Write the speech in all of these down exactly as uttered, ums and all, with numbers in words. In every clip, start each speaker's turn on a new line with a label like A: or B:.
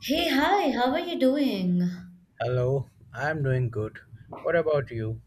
A: Hey, hi, how are you doing?
B: Hello, I'm doing good. What about you?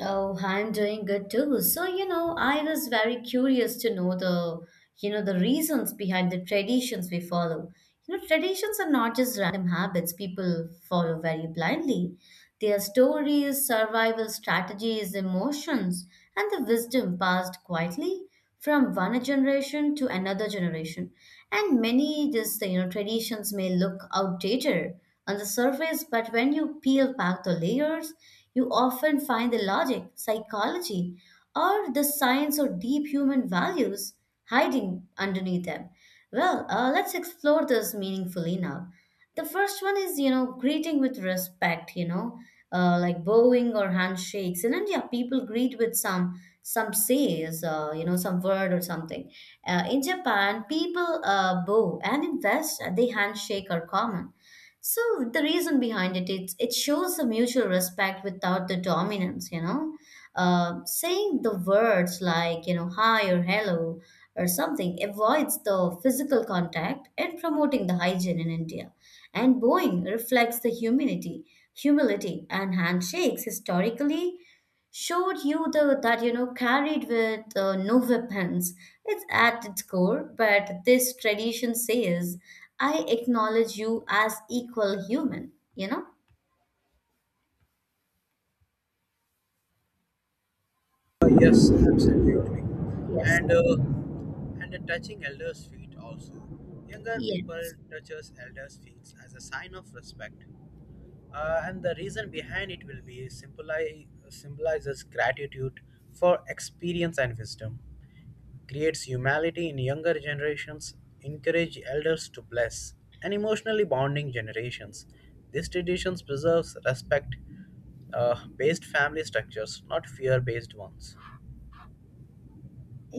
A: Oh, I'm doing good too. So, you know, I was very curious to know the, you know, the reasons behind the traditions we follow. You know, traditions are not just random habits people follow very blindly. They are stories, survival strategies, emotions, and the wisdom passed quietly from one generation to another generation. And many just, you know, traditions may look outdated on the surface, but when you peel back the layers, you often find the logic, psychology, or the science or deep human values hiding underneath them. Well, uh, let's explore this meaningfully now. The first one is, you know, greeting with respect, you know, uh, like bowing or handshakes. In India, people greet with some some says, uh, you know, some word or something. Uh, in Japan, people uh, bow, and in West, uh, they handshake are common. So the reason behind it, it's it shows the mutual respect without the dominance, you know. Uh, saying the words like you know hi or hello or something avoids the physical contact and promoting the hygiene in India. And bowing reflects the humility, humility, and handshakes historically showed you the that you know carried with uh, no weapons it's at its core, but this tradition says I acknowledge you as equal human, you know.
B: Uh, yes, absolutely.
A: Yes,
B: And uh, and the touching elders' feet also. Younger people
A: yes,
B: touches elders' feet as a sign of respect. Uh, and the reason behind it will be symbolize, symbolizes gratitude for experience and wisdom. Creates humility in younger generations, encourage elders to bless, and emotionally bonding generations. These traditions preserves respect uh, based family structures, not fear based ones.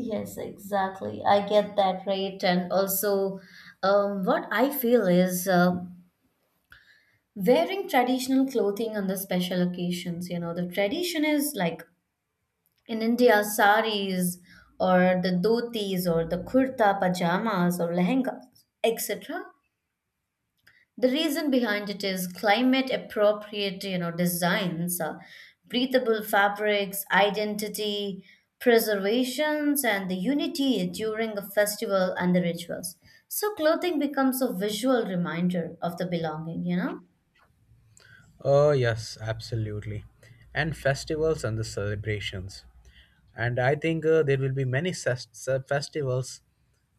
A: yes, exactly, I get that right. And also, um, what I feel is um wearing traditional clothing on the special occasions, you know. The tradition is like in India, saris or the dhotis or the kurta pajamas or lehengas, et cetera. The reason behind it is climate appropriate, you know, designs, uh, breathable fabrics, identity, preservations, and the unity during a festival and the rituals. So clothing becomes a visual reminder of the belonging, you know?
B: Oh, yes, absolutely. And festivals and the celebrations. And I think uh, there will be many ses- se- festivals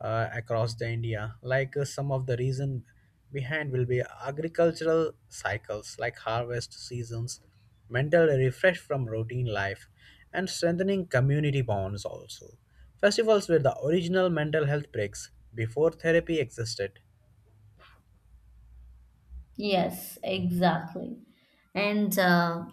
B: uh, across the India. Like uh, some of the reason behind will be agricultural cycles, like harvest seasons, mental refresh from routine life, and strengthening community bonds also. Festivals were the original mental health breaks before therapy existed.
A: Yes, exactly. And uh,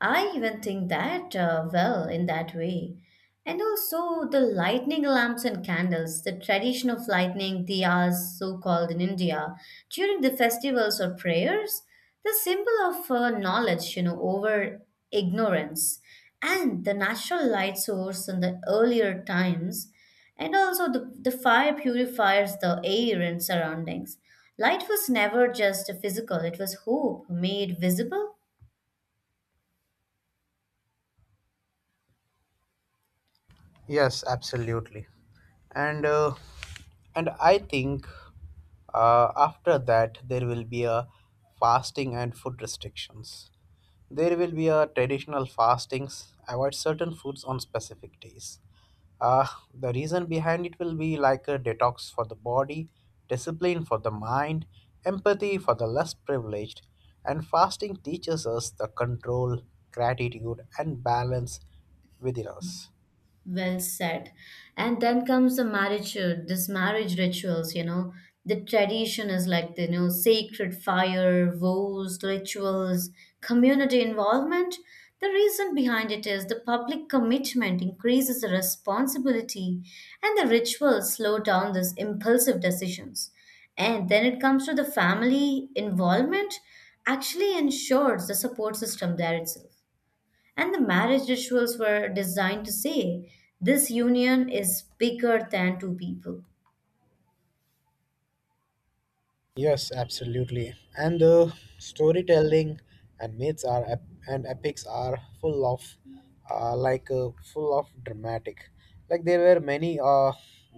A: I even think that, uh, well, in that way. And also the lightning lamps and candles, the tradition of lightning diyas, so called in India, during the festivals or prayers, the symbol of uh, knowledge, you know, over ignorance, and the natural light source in the earlier times, and also the, the fire purifies the air and surroundings. Light was never just physical, it was hope made visible.
B: Yes, absolutely. And uh, and I think uh, after that there will be a fasting and food restrictions. There will be a traditional fastings avoid certain foods on specific days. Uh, the reason behind it will be like a detox for the body, discipline for the mind, empathy for the less privileged, and fasting teaches us the control, gratitude, and balance within us.
A: Well said. And then comes the marriage, uh, this marriage rituals, you know. The tradition is like the, you know, sacred fire, vows, rituals, community involvement. The reason behind it is the public commitment increases the responsibility and the rituals slow down these impulsive decisions. And then it comes to the family involvement actually ensures the support system there itself. And the marriage rituals were designed to say, this union is bigger than two people.
B: Yes, absolutely. And the storytelling and myths are ep- and epics are full of, uh, like uh, full of dramatic. Like there were many uh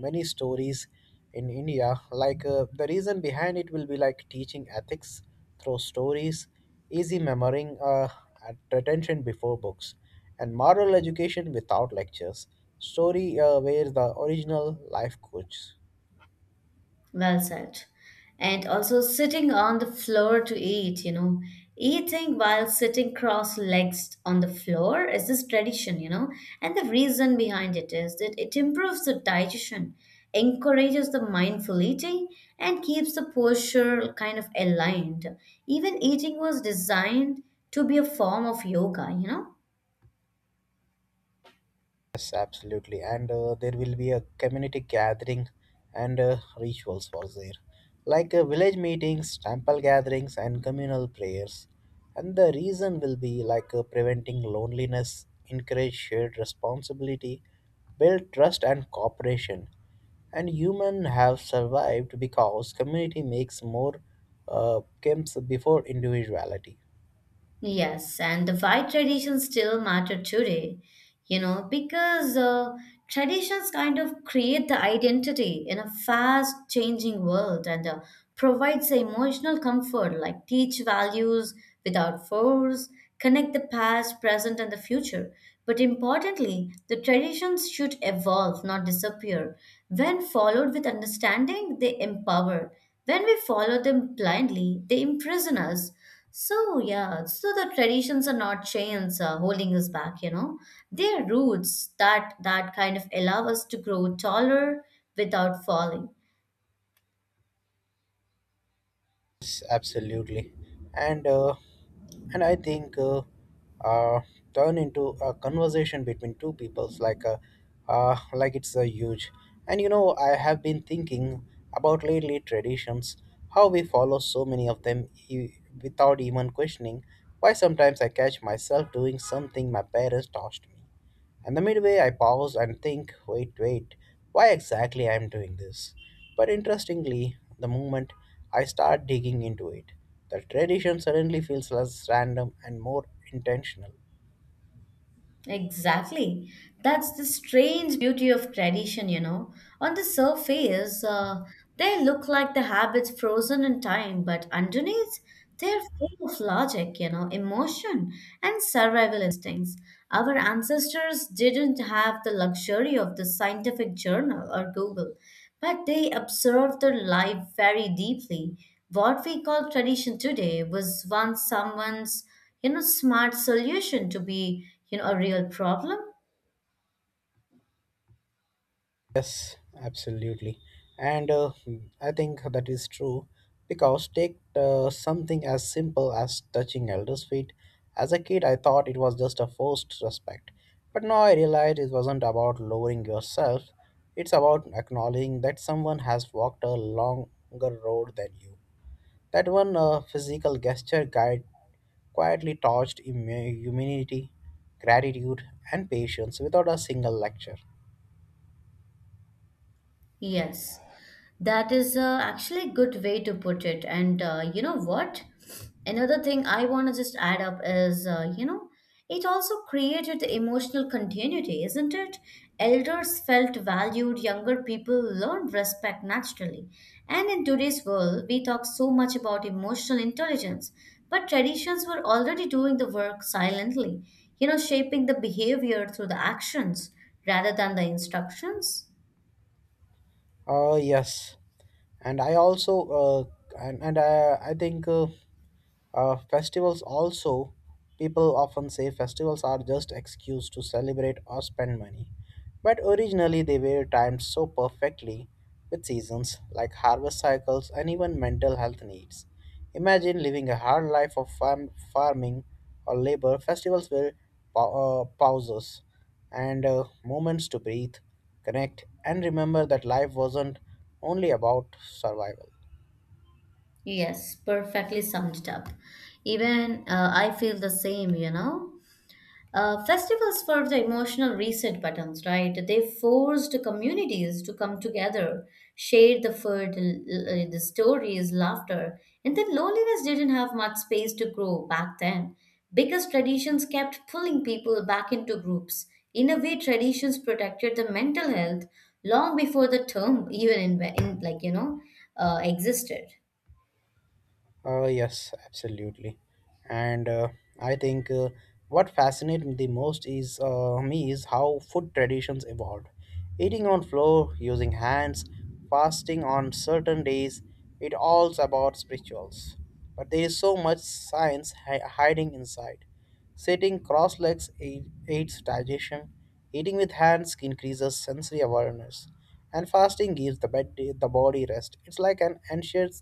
B: many stories in India. Like uh, the reason behind it will be like teaching ethics through stories, easy memorying, uh, at- attention before books, and moral education without lectures. Story uh, where the original life coach.
A: Well said. And also sitting on the floor to eat, you know. Eating while sitting cross legged on the floor is this tradition, you know. And the reason behind it is that it improves the digestion, encourages the mindful eating, and keeps the posture kind of aligned. Even eating was designed to be a form of yoga, you know.
B: Yes, absolutely. And uh, there will be a community gathering and uh, rituals for there, like uh, village meetings, temple gatherings, and communal prayers. And the reason will be like uh, preventing loneliness, encourage shared responsibility, build trust and cooperation. And human have survived because community makes more uh, comes before individuality.
A: Yes, and the why traditions still matter today, you know, because uh, traditions kind of create the identity in a fast changing world, and uh, provides the emotional comfort, like teach values without force, connect the past, present, and the future. But importantly, the traditions should evolve, not disappear. When followed with understanding, they empower. When we follow them blindly, they imprison us. So yeah, so the traditions are not chains uh, holding us back, you know. They are roots that that kind of allow us to grow taller without falling.
B: Yes, absolutely, and uh, and I think uh, uh, turn into a conversation between two peoples like a uh, like it's a huge. And you know, I have been thinking about lately traditions, how we follow so many of them e- without even questioning. Why sometimes I catch myself doing something my parents taught me and the midway, I pause and think, wait, wait, why exactly I am doing this? But interestingly, the moment I start digging into it, the tradition suddenly feels less random and more intentional.
A: Exactly. That's the strange beauty of tradition, you know. On the surface, uh, they look like the habits frozen in time, but underneath, they're full of logic, you know, emotion, and survival instincts. Our ancestors didn't have the luxury of the scientific journal or Google, but they observed their life very deeply. What we call tradition today was once someone's, you know, smart solution to be, you know, a real problem.
B: Yes, absolutely. And uh, I think that is true because take uh, something as simple as touching elders' feet. As a kid, I thought it was just a forced respect. But now I realize it wasn't about lowering yourself, it's about acknowledging that someone has walked a longer road than you. That one uh, physical gesture guide quietly taught immu- humanity, gratitude, and patience without a single lecture.
A: Yes, that is uh, actually a good way to put it. And uh, you know what? Another thing I want to just add up is, uh, you know, it also created emotional continuity, isn't it? Elders felt valued, younger people learned respect naturally. And in today's world, we talk so much about emotional intelligence, but traditions were already doing the work silently, you know, shaping the behavior through the actions rather than the instructions.
B: Uh, yes, and I also uh, and and I, I think uh, uh, festivals also, people often say festivals are just excuse to celebrate or spend money. But originally they were timed so perfectly with seasons like harvest cycles and even mental health needs. Imagine living a hard life of farm, farming or labor. Festivals were pa- uh, pauses and uh, moments to breathe, connect, and remember that life wasn't only about survival.
A: Yes, perfectly summed it up. Even uh, I feel the same, you know. Uh, festivals were the emotional reset buttons, right? They forced communities to come together, share the food, l- uh, the stories, laughter, and then loneliness didn't have much space to grow back then. Because traditions kept pulling people back into groups. In a way, traditions protected the mental health long before the term even in, in like you know uh, existed.
B: Uh, yes, absolutely. And uh, I think uh, what fascinates me the most is uh, me is how food traditions evolved. Eating on floor, using hands, fasting on certain days, it all's about spirituals. But there is so much science hi- hiding inside. Sitting cross legs aid- aids digestion. Eating with hands increases sensory awareness and fasting gives the, bed, the body rest. It's like an ancient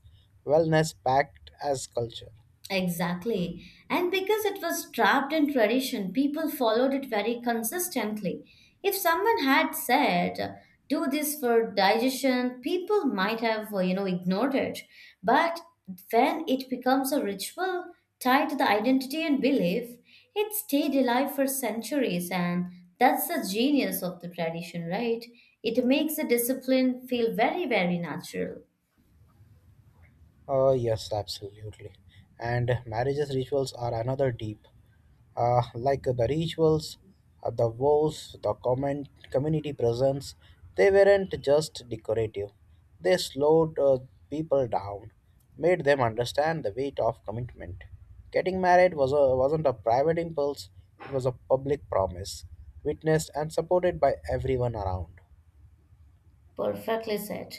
B: wellness pact as culture.
A: Exactly. And because it was trapped in tradition, people followed it very consistently. If someone had said, do this for digestion, people might have, uh, you know, ignored it. But when it becomes a ritual tied to the identity and belief, it stayed alive for centuries. And that's the genius of the tradition, right? It makes the discipline feel very, very natural.
B: Uh, yes, absolutely. And marriages rituals are another deep. Uh, like the rituals, uh, the vows, the comment, community presence, they weren't just decorative. They slowed uh, people down, made them understand the weight of commitment. Getting married was a, wasn't a private impulse, it was a public promise, witnessed and supported by everyone around.
A: Perfectly said.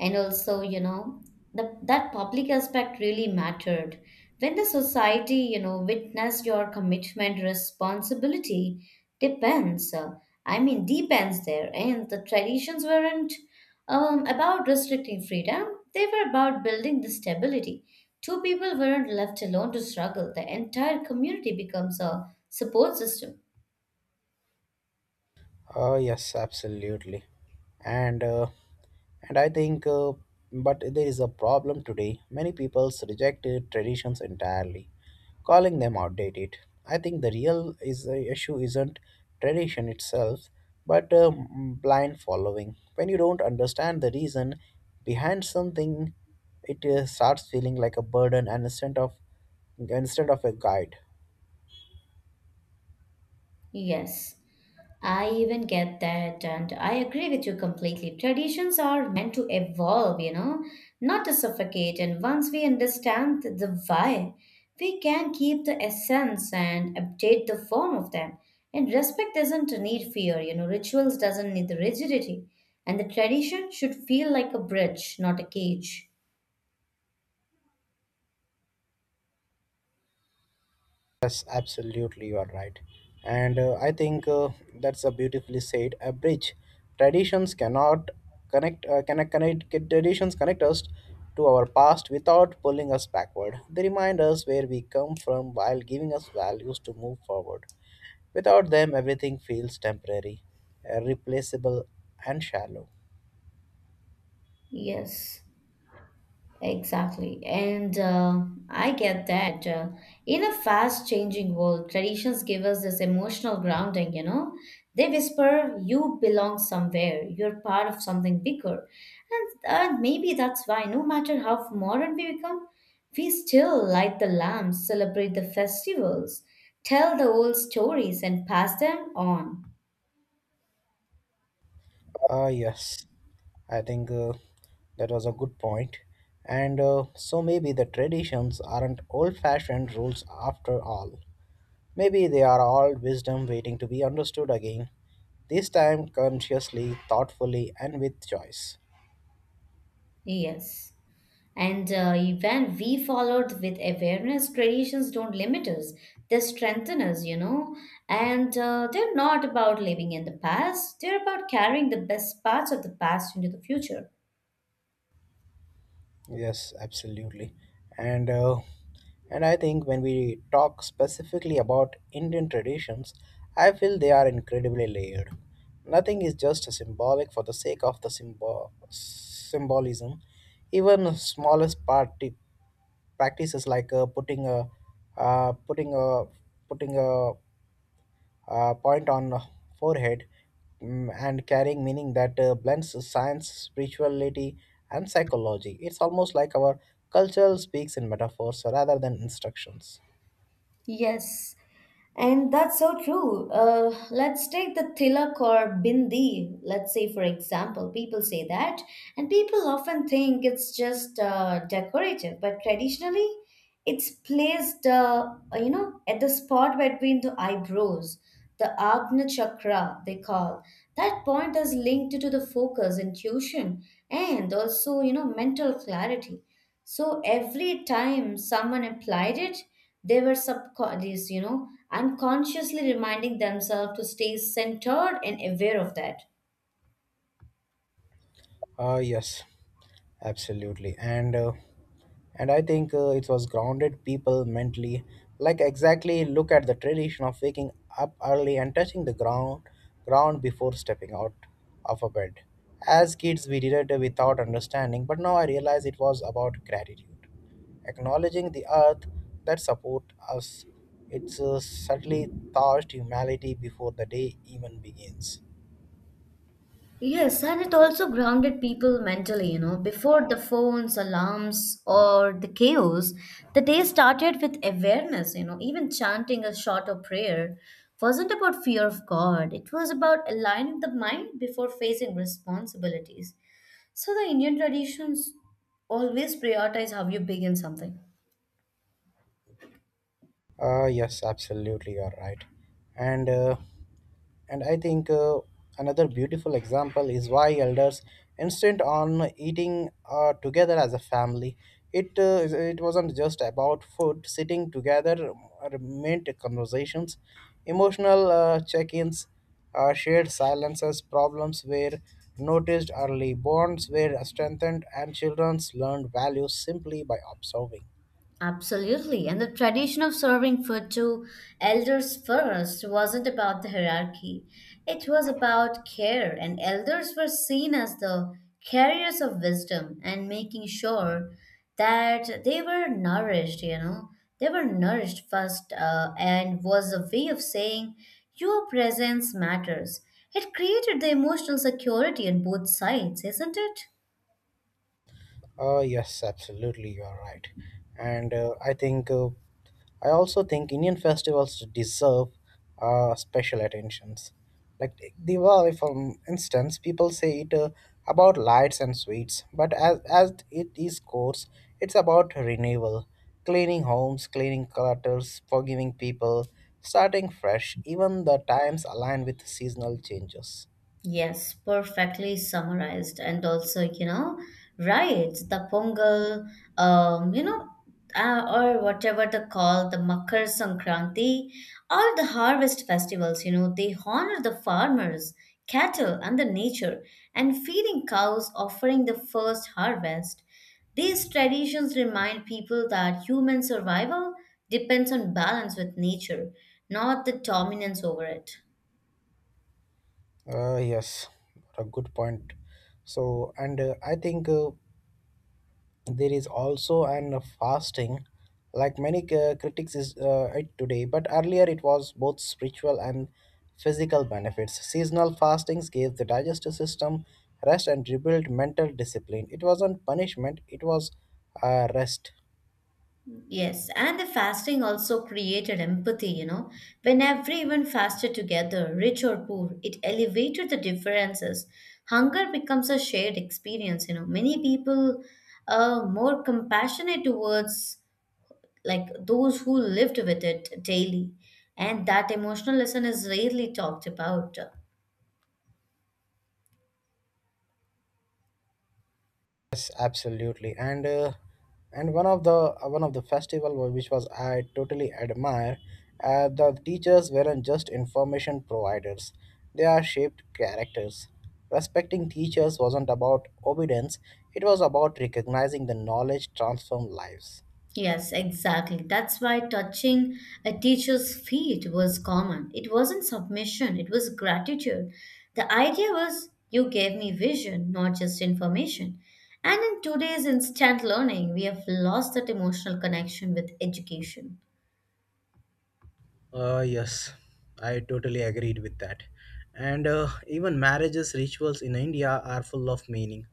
A: And also, you know, the, that public aspect really mattered. When the society, you know, witnessed your commitment, responsibility depends. uh, I mean, depends there. And the traditions weren't um, about restricting freedom, they were about building the stability. Two people weren't left alone to struggle. The entire community becomes a support system.
B: Oh yes, absolutely, and uh, and I think, uh, but there is a problem today. Many people reject uh, traditions entirely, calling them outdated. I think the real is the issue isn't tradition itself, but uh, blind following. When you don't understand the reason behind something, it uh, starts feeling like a burden and instead of instead of a guide.
A: Yes. I even get that, and I agree with you completely. Traditions are meant to evolve, you know, not to suffocate. And once we understand th- the why, we can keep the essence and update the form of them. And respect doesn't need fear, you know, rituals doesn't need the rigidity. And the tradition should feel like a bridge, not a cage.
B: Yes, absolutely, you are right. And uh, I think uh, that's a beautifully said. A bridge. Traditions cannot connect, uh, connect, connect, traditions connect us to our past without pulling us backward. They remind us where we come from while giving us values to move forward. Without them, everything feels temporary, irreplaceable, and shallow.
A: Yes. Exactly. And uh, I get that. Uh, in a fast changing world, traditions give us this emotional grounding, you know? They whisper, you belong somewhere, you're part of something bigger. And uh, maybe that's why, no matter how modern we become, we still light the lamps, celebrate the festivals, tell the old stories, and pass them on.
B: Ah, yes, I think uh, that was a good point. And uh, so maybe the traditions aren't old fashioned rules after all. Maybe they are all wisdom waiting to be understood again, this time consciously, thoughtfully, and with choice.
A: Yes. And uh, when we followed with awareness, traditions don't limit us, they strengthen us, you know. And uh, they're not about living in the past, they're about carrying the best parts of the past into the future.
B: Yes, absolutely. And uh, and I think when we talk specifically about Indian traditions, I feel they are incredibly layered. Nothing is just symbolic for the sake of the symbol symbolism. Even the smallest party practices like uh, putting a uh, putting a putting a uh, point on forehead mm, and carrying meaning that uh, blends science, spirituality, and psychology. It's almost like our culture speaks in metaphors rather than instructions.
A: Yes, and that's so true. Uh, let's take the tilak or bindi, let's say, for example. People say that, and people often think it's just uh, decorative, but traditionally, it's placed, uh, uh, you know, at the spot between the eyebrows, the Agna Chakra, they call. That point is linked to the focus, intuition, and also, you know, mental clarity. So every time someone applied it, they were subconscious, you know, unconsciously reminding themselves to stay centered and aware of that.
B: Uh, yes, absolutely. And uh, and I think uh, it was grounded people mentally. Like exactly, look at the tradition of waking up early and touching the ground ground before stepping out of a bed. As kids, we did it without understanding, but now I realize it was about gratitude, acknowledging the earth that support us. It's uh, subtly touched humanity before the day even begins.
A: Yes, and it also grounded people mentally, you know. Before the phones, alarms, or the chaos, the day started with awareness, you know. Even chanting a shorter prayer wasn't about fear of God, it was about aligning the mind before facing responsibilities. So the Indian traditions always prioritize how you begin something.
B: Uh, yes, absolutely, you're right. And uh, and I think uh, another beautiful example is why elders insist on eating uh, together as a family. It uh, is- it wasn't just about food. Sitting together uh, meant conversations, emotional uh, check-ins, uh, shared silences. Problems were noticed early. Bonds were strengthened, and children learned values simply by observing.
A: Absolutely. And the tradition of serving food to elders first wasn't about the hierarchy, it was about care, and elders were seen as the carriers of wisdom and making sure that they were nourished, you know. They were nourished first, uh, and was a way of saying, your presence matters. It created the emotional security on both sides, isn't it?
B: Uh, yes, absolutely, you are right. And uh, I think uh, I also think Indian festivals deserve uh, special attentions. Like take Diwali, for instance, people say it uh, about lights and sweets, but as as it is course, it's about renewal, cleaning homes, cleaning clutters, forgiving people, starting fresh. Even the times align with seasonal changes.
A: Yes, perfectly summarized. And also, you know, right, the Pongal, um, you know, uh, or whatever they call the Makar Sankranti, all the harvest festivals, you know, they honor the farmers, cattle, and the nature, and feeding cows, offering the first harvest. These traditions remind people that human survival depends on balance with nature, not the dominance over it.
B: Uh, yes, what a good point. So, and uh, I think. Uh, There is also an fasting, like many uh, critics is uh, it today, but earlier it was both spiritual and physical benefits. Seasonal fastings gave the digestive system rest and rebuilt mental discipline. It wasn't punishment; it was uh, rest.
A: Yes, and the fasting also created empathy, you know. When everyone fasted together, rich or poor, it elevated the differences. Hunger becomes a shared experience, you know. Many people are more compassionate towards like those who lived with it daily, and that emotional lesson is rarely talked about.
B: Yes, absolutely, and uh, and one of the uh, one of the festival wa- which was I totally admire, uh, the teachers weren't just information providers; they are shaped characters. Respecting teachers wasn't about obedience; it was about recognizing the knowledge transform lives.
A: Yes, exactly. That's why touching a teacher's feet was common. It wasn't submission, it was gratitude. The idea was you gave me vision, not just information. And in today's instant learning, we have lost that emotional connection with education.
B: Uh, yes, I totally agreed with that. And uh, even marriages rituals in India are full of meaning.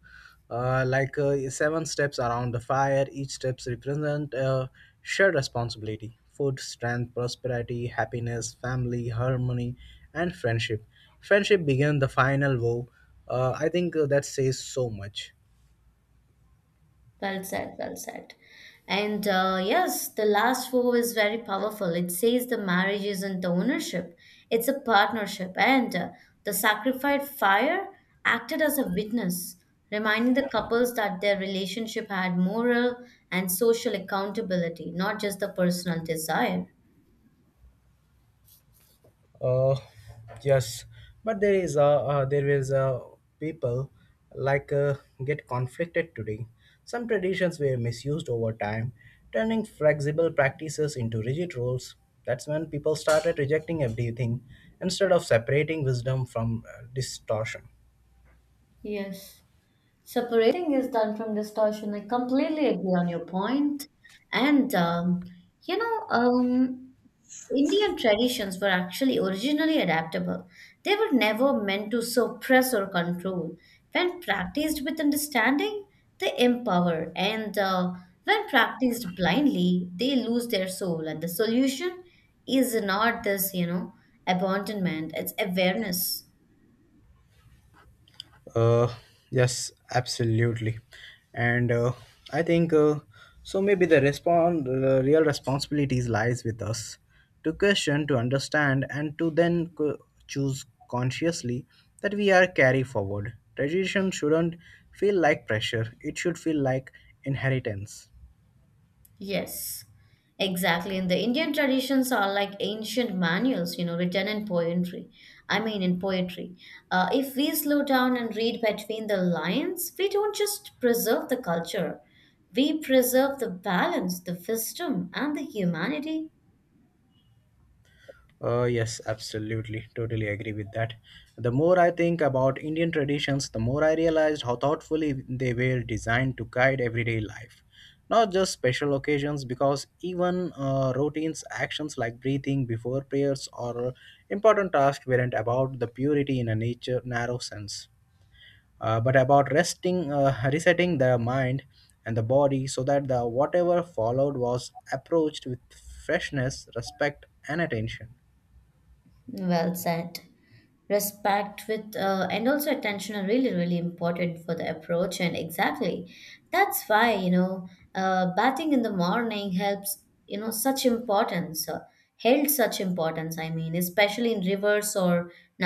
B: Uh, like uh, seven steps around the fire, each steps represent uh, shared responsibility: food, strength, prosperity, happiness, family, harmony, and friendship. Friendship began the final vow. Uh, I think uh, that says so much.
A: Well said, well said. And uh, yes, the last four is very powerful. It says the marriage isn't the ownership, it's a partnership. And uh, the sacrificed fire acted as a witness, reminding the couples that their relationship had moral and social accountability, not just the personal desire.
B: Uh, yes, but there is a uh there is a people like uh, get conflicted today. Some traditions were misused over time, turning flexible practices into rigid rules. That's when people started rejecting everything instead of separating wisdom from uh, distortion.
A: Yes, separating is done from distortion. I completely agree on your point. And, um, you know, um, Indian traditions were actually originally adaptable. They were never meant to suppress or control. When practiced with understanding, they empower, and uh, when practiced blindly, they lose their soul. And the solution is not this, you know, abandonment, it's awareness.
B: Uh, yes, absolutely. And uh, I think uh, so. Maybe the respon the real responsibilities lies with us to question, to understand, and to then co- choose consciously that we are carry forward. Tradition shouldn't feel like pressure; it should feel like inheritance.
A: Yes, exactly. And the Indian traditions are like ancient manuals, you know, written in poetry. I mean, in poetry. Uh, if we slow down and read between the lines, we don't just preserve the culture, we preserve the balance, the wisdom, and the humanity.
B: Uh, yes, absolutely. Totally agree with that. The more I think about Indian traditions, the more I realized how thoughtfully they were designed to guide everyday life. Not just special occasions, because even uh, routines, actions like breathing before prayers or important tasks weren't about the purity in a nature narrow sense, uh, but about resting, uh, resetting the mind and the body so that the whatever followed was approached with freshness, respect, and attention.
A: Well said. Respect with uh, and also attention are really really important for the approach, and exactly that's why, you know, uh, batting in the morning helps, you know, such importance uh, held such importance. I mean, especially in rivers or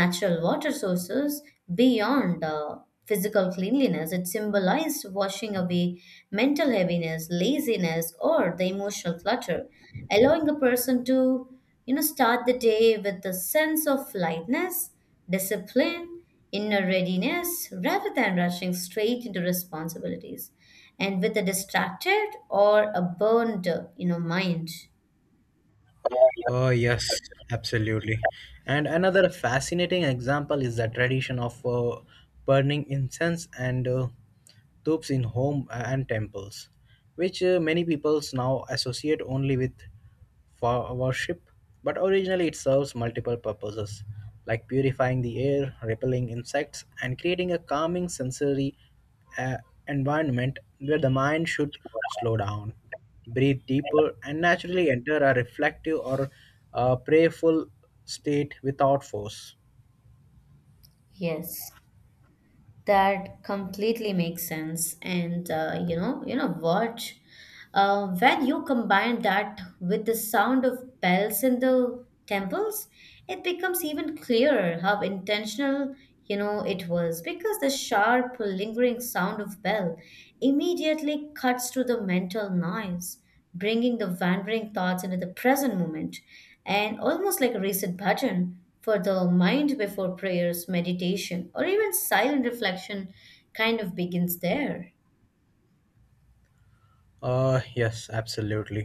A: natural water sources, beyond uh, physical cleanliness, it symbolized washing away mental heaviness, laziness, or the emotional clutter, allowing a person to, you know, start the day with a sense of lightness, discipline, inner readiness, rather than rushing straight into responsibilities. And with a distracted or a burned, you know, mind.
B: Oh, yes, absolutely. And another fascinating example is the tradition of uh, burning incense and uh, tubes in home and temples, which uh, many peoples now associate only with for worship, but originally it serves multiple purposes like purifying the air, repelling insects, and creating a calming sensory uh, environment where the mind should slow down, breathe deeper, and naturally enter a reflective or uh, prayerful state without force.
A: Yes. That completely makes sense. And uh, you know, you know what? Uh, when you combine that with the sound of bells in the temples, it becomes even clearer how intentional, you know, it was, because the sharp, lingering sound of bell immediately cuts through the mental noise, bringing the wandering thoughts into the present moment, and almost like a reset button for the mind before prayers, meditation, or even silent reflection kind of begins there.
B: Uh, yes, absolutely.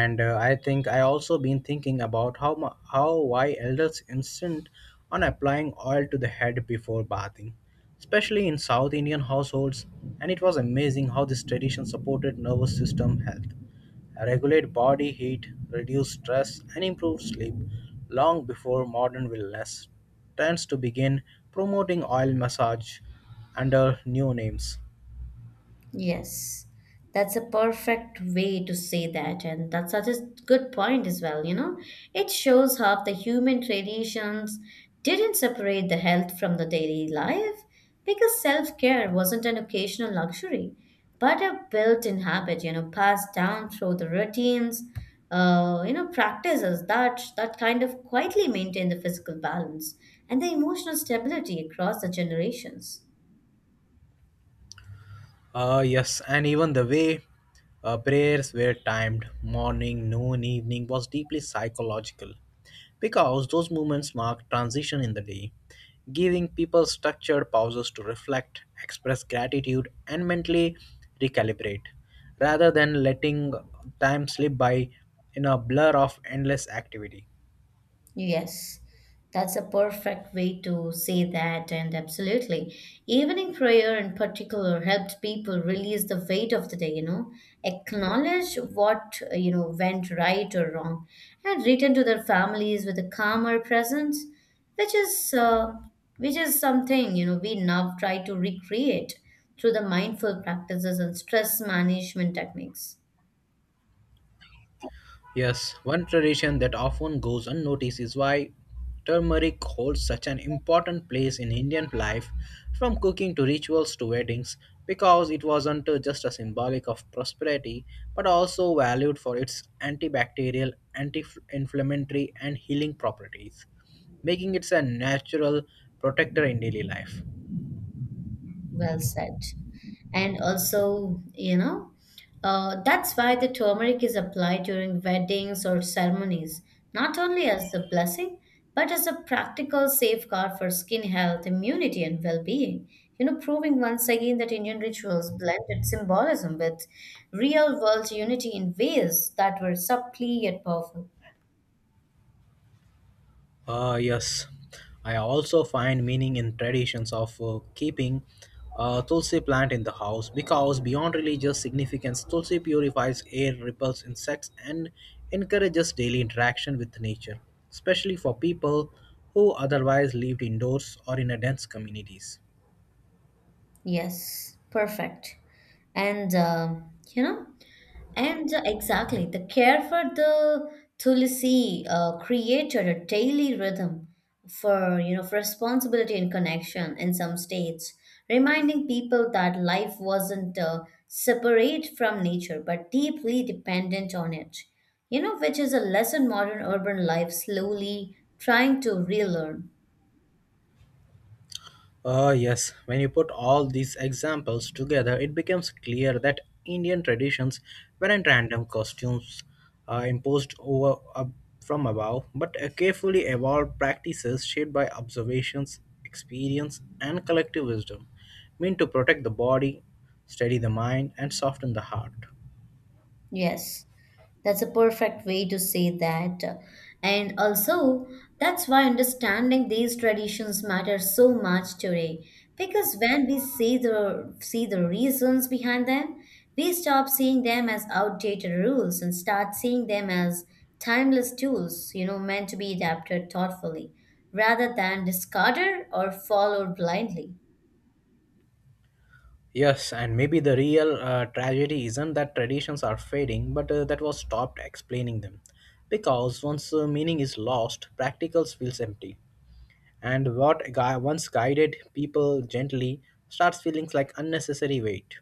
B: and uh, i think i also been thinking about how mu- how why elders insist on applying oil to the head before bathing, especially in South Indian households. And it was amazing how this tradition supported nervous system health, regulate body heat, reduce stress, and improve sleep long before modern wellness tends to begin promoting oil massage under new names.
A: Yes, that's a perfect way to say that, and that's such a good point as well. You know, it shows how the human traditions didn't separate the health from the daily life, because self care wasn't an occasional luxury, but a built in habit, you know, passed down through the routines, uh, you know, practices that, that kind of quietly maintain the physical balance and the emotional stability across the generations.
B: Uh, yes, and even the way uh, prayers were timed morning, noon, evening was deeply psychological, because those moments marked transition in the day, giving people structured pauses to reflect, express gratitude, and mentally recalibrate rather than letting time slip by in a blur of endless activity.
A: Yes, that's a perfect way to say that, and absolutely. Evening prayer in particular helped people release the weight of the day, you know, acknowledge what, uh, you know, went right or wrong, and return to their families with a calmer presence, which is, uh, which is something, you know, we now try to recreate through the mindful practices and stress management techniques.
B: Yes, one tradition that often goes unnoticed is why turmeric holds such an important place in Indian life, from cooking to rituals to weddings, because it wasn't uh, just a symbolic of prosperity, but also valued for its antibacterial, anti-inflammatory, and healing properties, making it a natural protector in daily life.
A: Well said. And also, you know, uh, that's why the turmeric is applied during weddings or ceremonies, not only as a blessing but as a practical safeguard for skin health, immunity, and well-being, you know, proving once again that Indian rituals blended symbolism with real world unity in ways that were subtly yet powerful.
B: Ah yes, I also find meaning in traditions of uh, keeping a tulsi plant in the house, because beyond religious significance, tulsi purifies air, repels insects, and encourages daily interaction with nature, especially for people who otherwise lived indoors or in a dense communities.
A: Yes, perfect. And um, you know, And the- exactly, the care for the tulsi uh, created a daily rhythm for, you know, for responsibility and connection in some states, reminding people that life wasn't uh, separate from nature but deeply dependent on it. You know, which is a lesson modern urban life slowly trying to relearn.
B: Uh, yes, when you put all these examples together, it becomes clear that Indian traditions weren't random costumes uh, imposed over up from above, but a carefully evolved practices shaped by observations, experience, and collective wisdom, meant to protect the body, steady the mind, and soften the heart.
A: Yes. That's a perfect way to say that. And also, that's why understanding these traditions matters so much today. Because when we see the see the reasons behind them, we stop seeing them as outdated rules and start seeing them as timeless tools, you know, meant to be adapted thoughtfully, rather than discarded or followed blindly.
B: Yes, and maybe the real uh, tragedy isn't that traditions are fading, but uh, that was stopped explaining them. Because once uh, meaning is lost, practicals feels empty. And what gui- once guided people gently starts feeling like unnecessary weight.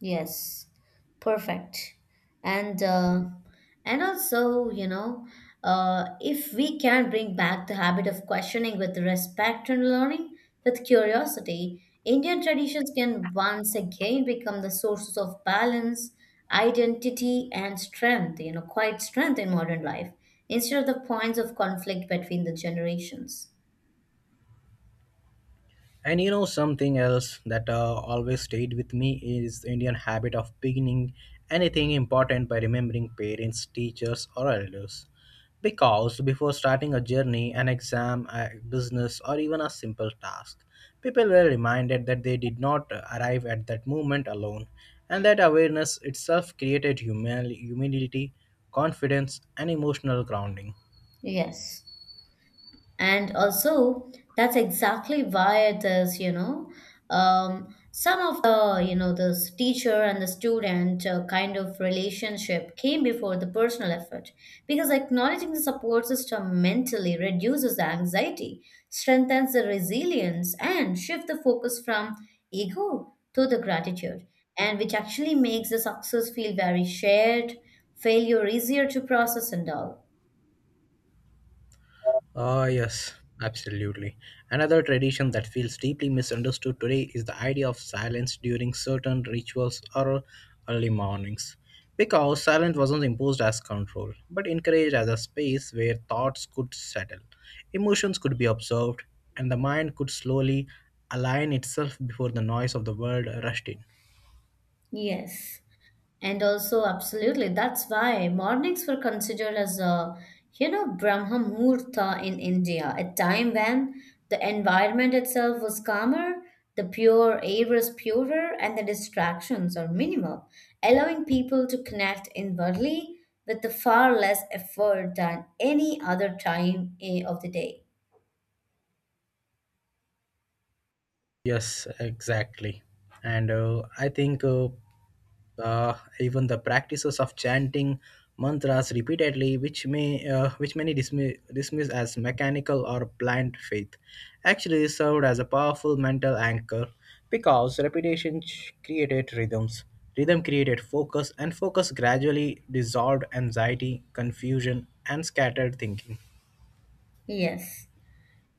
A: Yes, perfect. And uh, and also, you know, uh, if we can bring back the habit of questioning with respect and learning with curiosity, Indian traditions can once again become the sources of balance, identity, and strength, you know, quite strength in modern life, instead of the points of conflict between the generations.
B: And you know, something else that uh, always stayed with me is the Indian habit of beginning anything important by remembering parents, teachers, or elders. Because before starting a journey, an exam, a business, or even a simple task, people were reminded that they did not arrive at that moment alone, and that awareness itself created humil- humility, confidence, and emotional grounding.
A: Yes. And also, that's exactly why there's, you know, um, some of the, you know, this teacher and the student uh, kind of relationship came before the personal effort, because acknowledging the support system mentally reduces the anxiety, strengthens the resilience, and shift the focus from ego to the gratitude, and which actually makes the success feel very shared, failure easier to process and all.
B: Ah, yes, absolutely. Another tradition that feels deeply misunderstood today is the idea of silence during certain rituals or early mornings. Because silence wasn't imposed as control, but encouraged as a space where thoughts could settle, emotions could be observed, and the mind could slowly align itself before the noise of the world rushed in.
A: Yes. And also, absolutely, that's why mornings were considered as a, you know, Brahma Muhurta in India, a time when the environment itself was calmer, the pure air was purer, and the distractions are minimal, allowing people to connect inwardly with the far less effort than any other time eh, of the day.
B: Yes, exactly. And uh, I think uh, uh, even the practices of chanting mantras repeatedly, which may uh, which many dismiss, dismiss as mechanical or blind faith, actually served as a powerful mental anchor, because repetition ch- created rhythms. Rhythm created focus, and focus gradually dissolved anxiety, confusion, and scattered thinking.
A: Yes.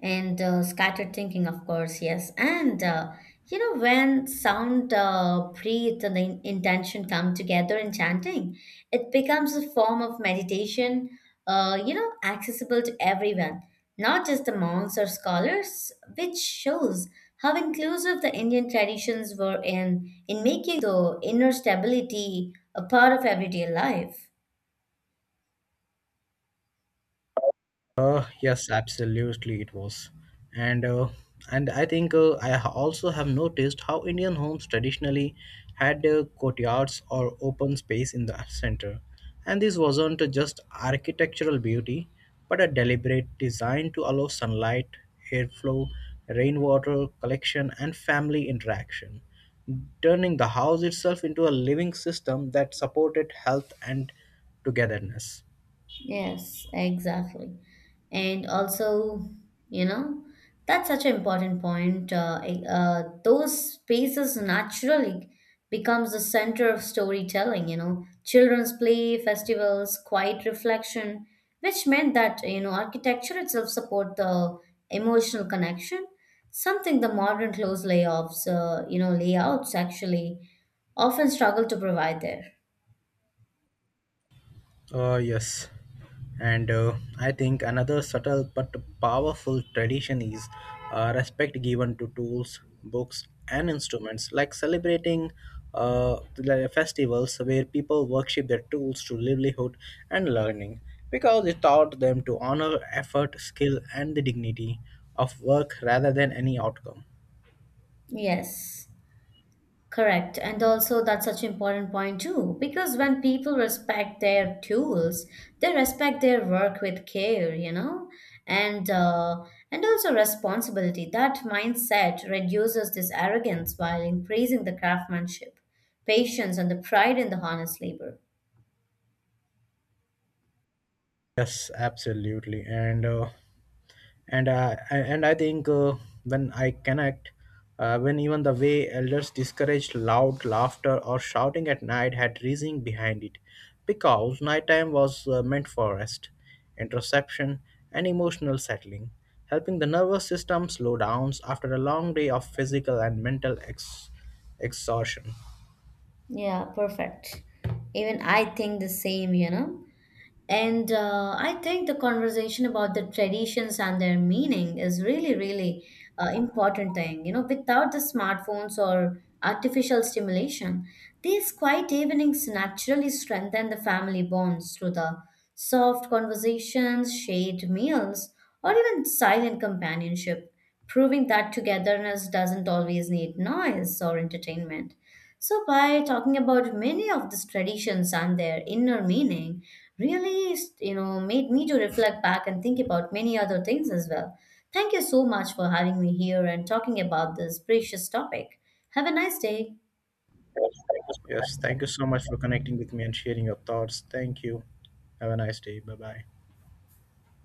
A: And uh, scattered thinking, of course, yes. And uh, you know, when sound, uh, breath, and the in- intention come together in chanting, it becomes a form of meditation, uh, you know, accessible to everyone, not just the monks or scholars, which shows how inclusive the Indian traditions were in in making the inner stability a part of everyday life.
B: Uh, yes, absolutely, it was. And uh, and I think uh, I ha- also have noticed how Indian homes traditionally had uh, courtyards or open space in the center, and this wasn't just architectural beauty, but a deliberate design to allow sunlight, airflow, rainwater collection, and family interaction, turning the house itself into a living system that supported health and togetherness.
A: Yes, exactly. And also, you know, that's such an important point. Uh, eh, uh, those spaces naturally becomes the center of storytelling, you know, children's play, festivals, quiet reflection, which meant that, you know, architecture itself support the emotional connection, something the modern close layoffs, uh, you know, layouts actually often struggle to provide there.
B: Uh, yes. And uh, I think another subtle but powerful tradition is uh, respect given to tools, books, and instruments, like celebrating uh, the festivals where people worship their tools to livelihood and learning, because it taught them to honor effort, skill, and the dignity of work rather than any outcome.
A: Yes. Correct. And also, that's such an important point too, because when people respect their tools, they respect their work with care, you know, and uh, and also responsibility. That mindset reduces this arrogance while increasing the craftsmanship, patience, and the pride in the honest labor.
B: Yes, absolutely, and uh, and I I- and I think uh, when I connect, uh, when even the way elders discouraged loud laughter or shouting at night had reasoning behind it, because nighttime was uh, meant for rest, introspection, and emotional settling, helping the nervous system slow down after a long day of physical and mental ex- exhaustion.
A: Yeah, perfect. Even I think the same, you know. And uh, I think the conversation about the traditions and their meaning is really, really uh, important thing. You know, without the smartphones or artificial stimulation, these quiet evenings naturally strengthen the family bonds through the soft conversations, shared meals, or even silent companionship, proving that togetherness doesn't always need noise or entertainment. So, by talking about many of these traditions and their inner meaning, really, you know, made me to reflect back and think about many other things as well. Thank you so much for having me here and talking about this precious topic. Have a nice day.
B: Yes, thank you so much for connecting with me and sharing your thoughts. Thank you. Have a nice day. Bye bye.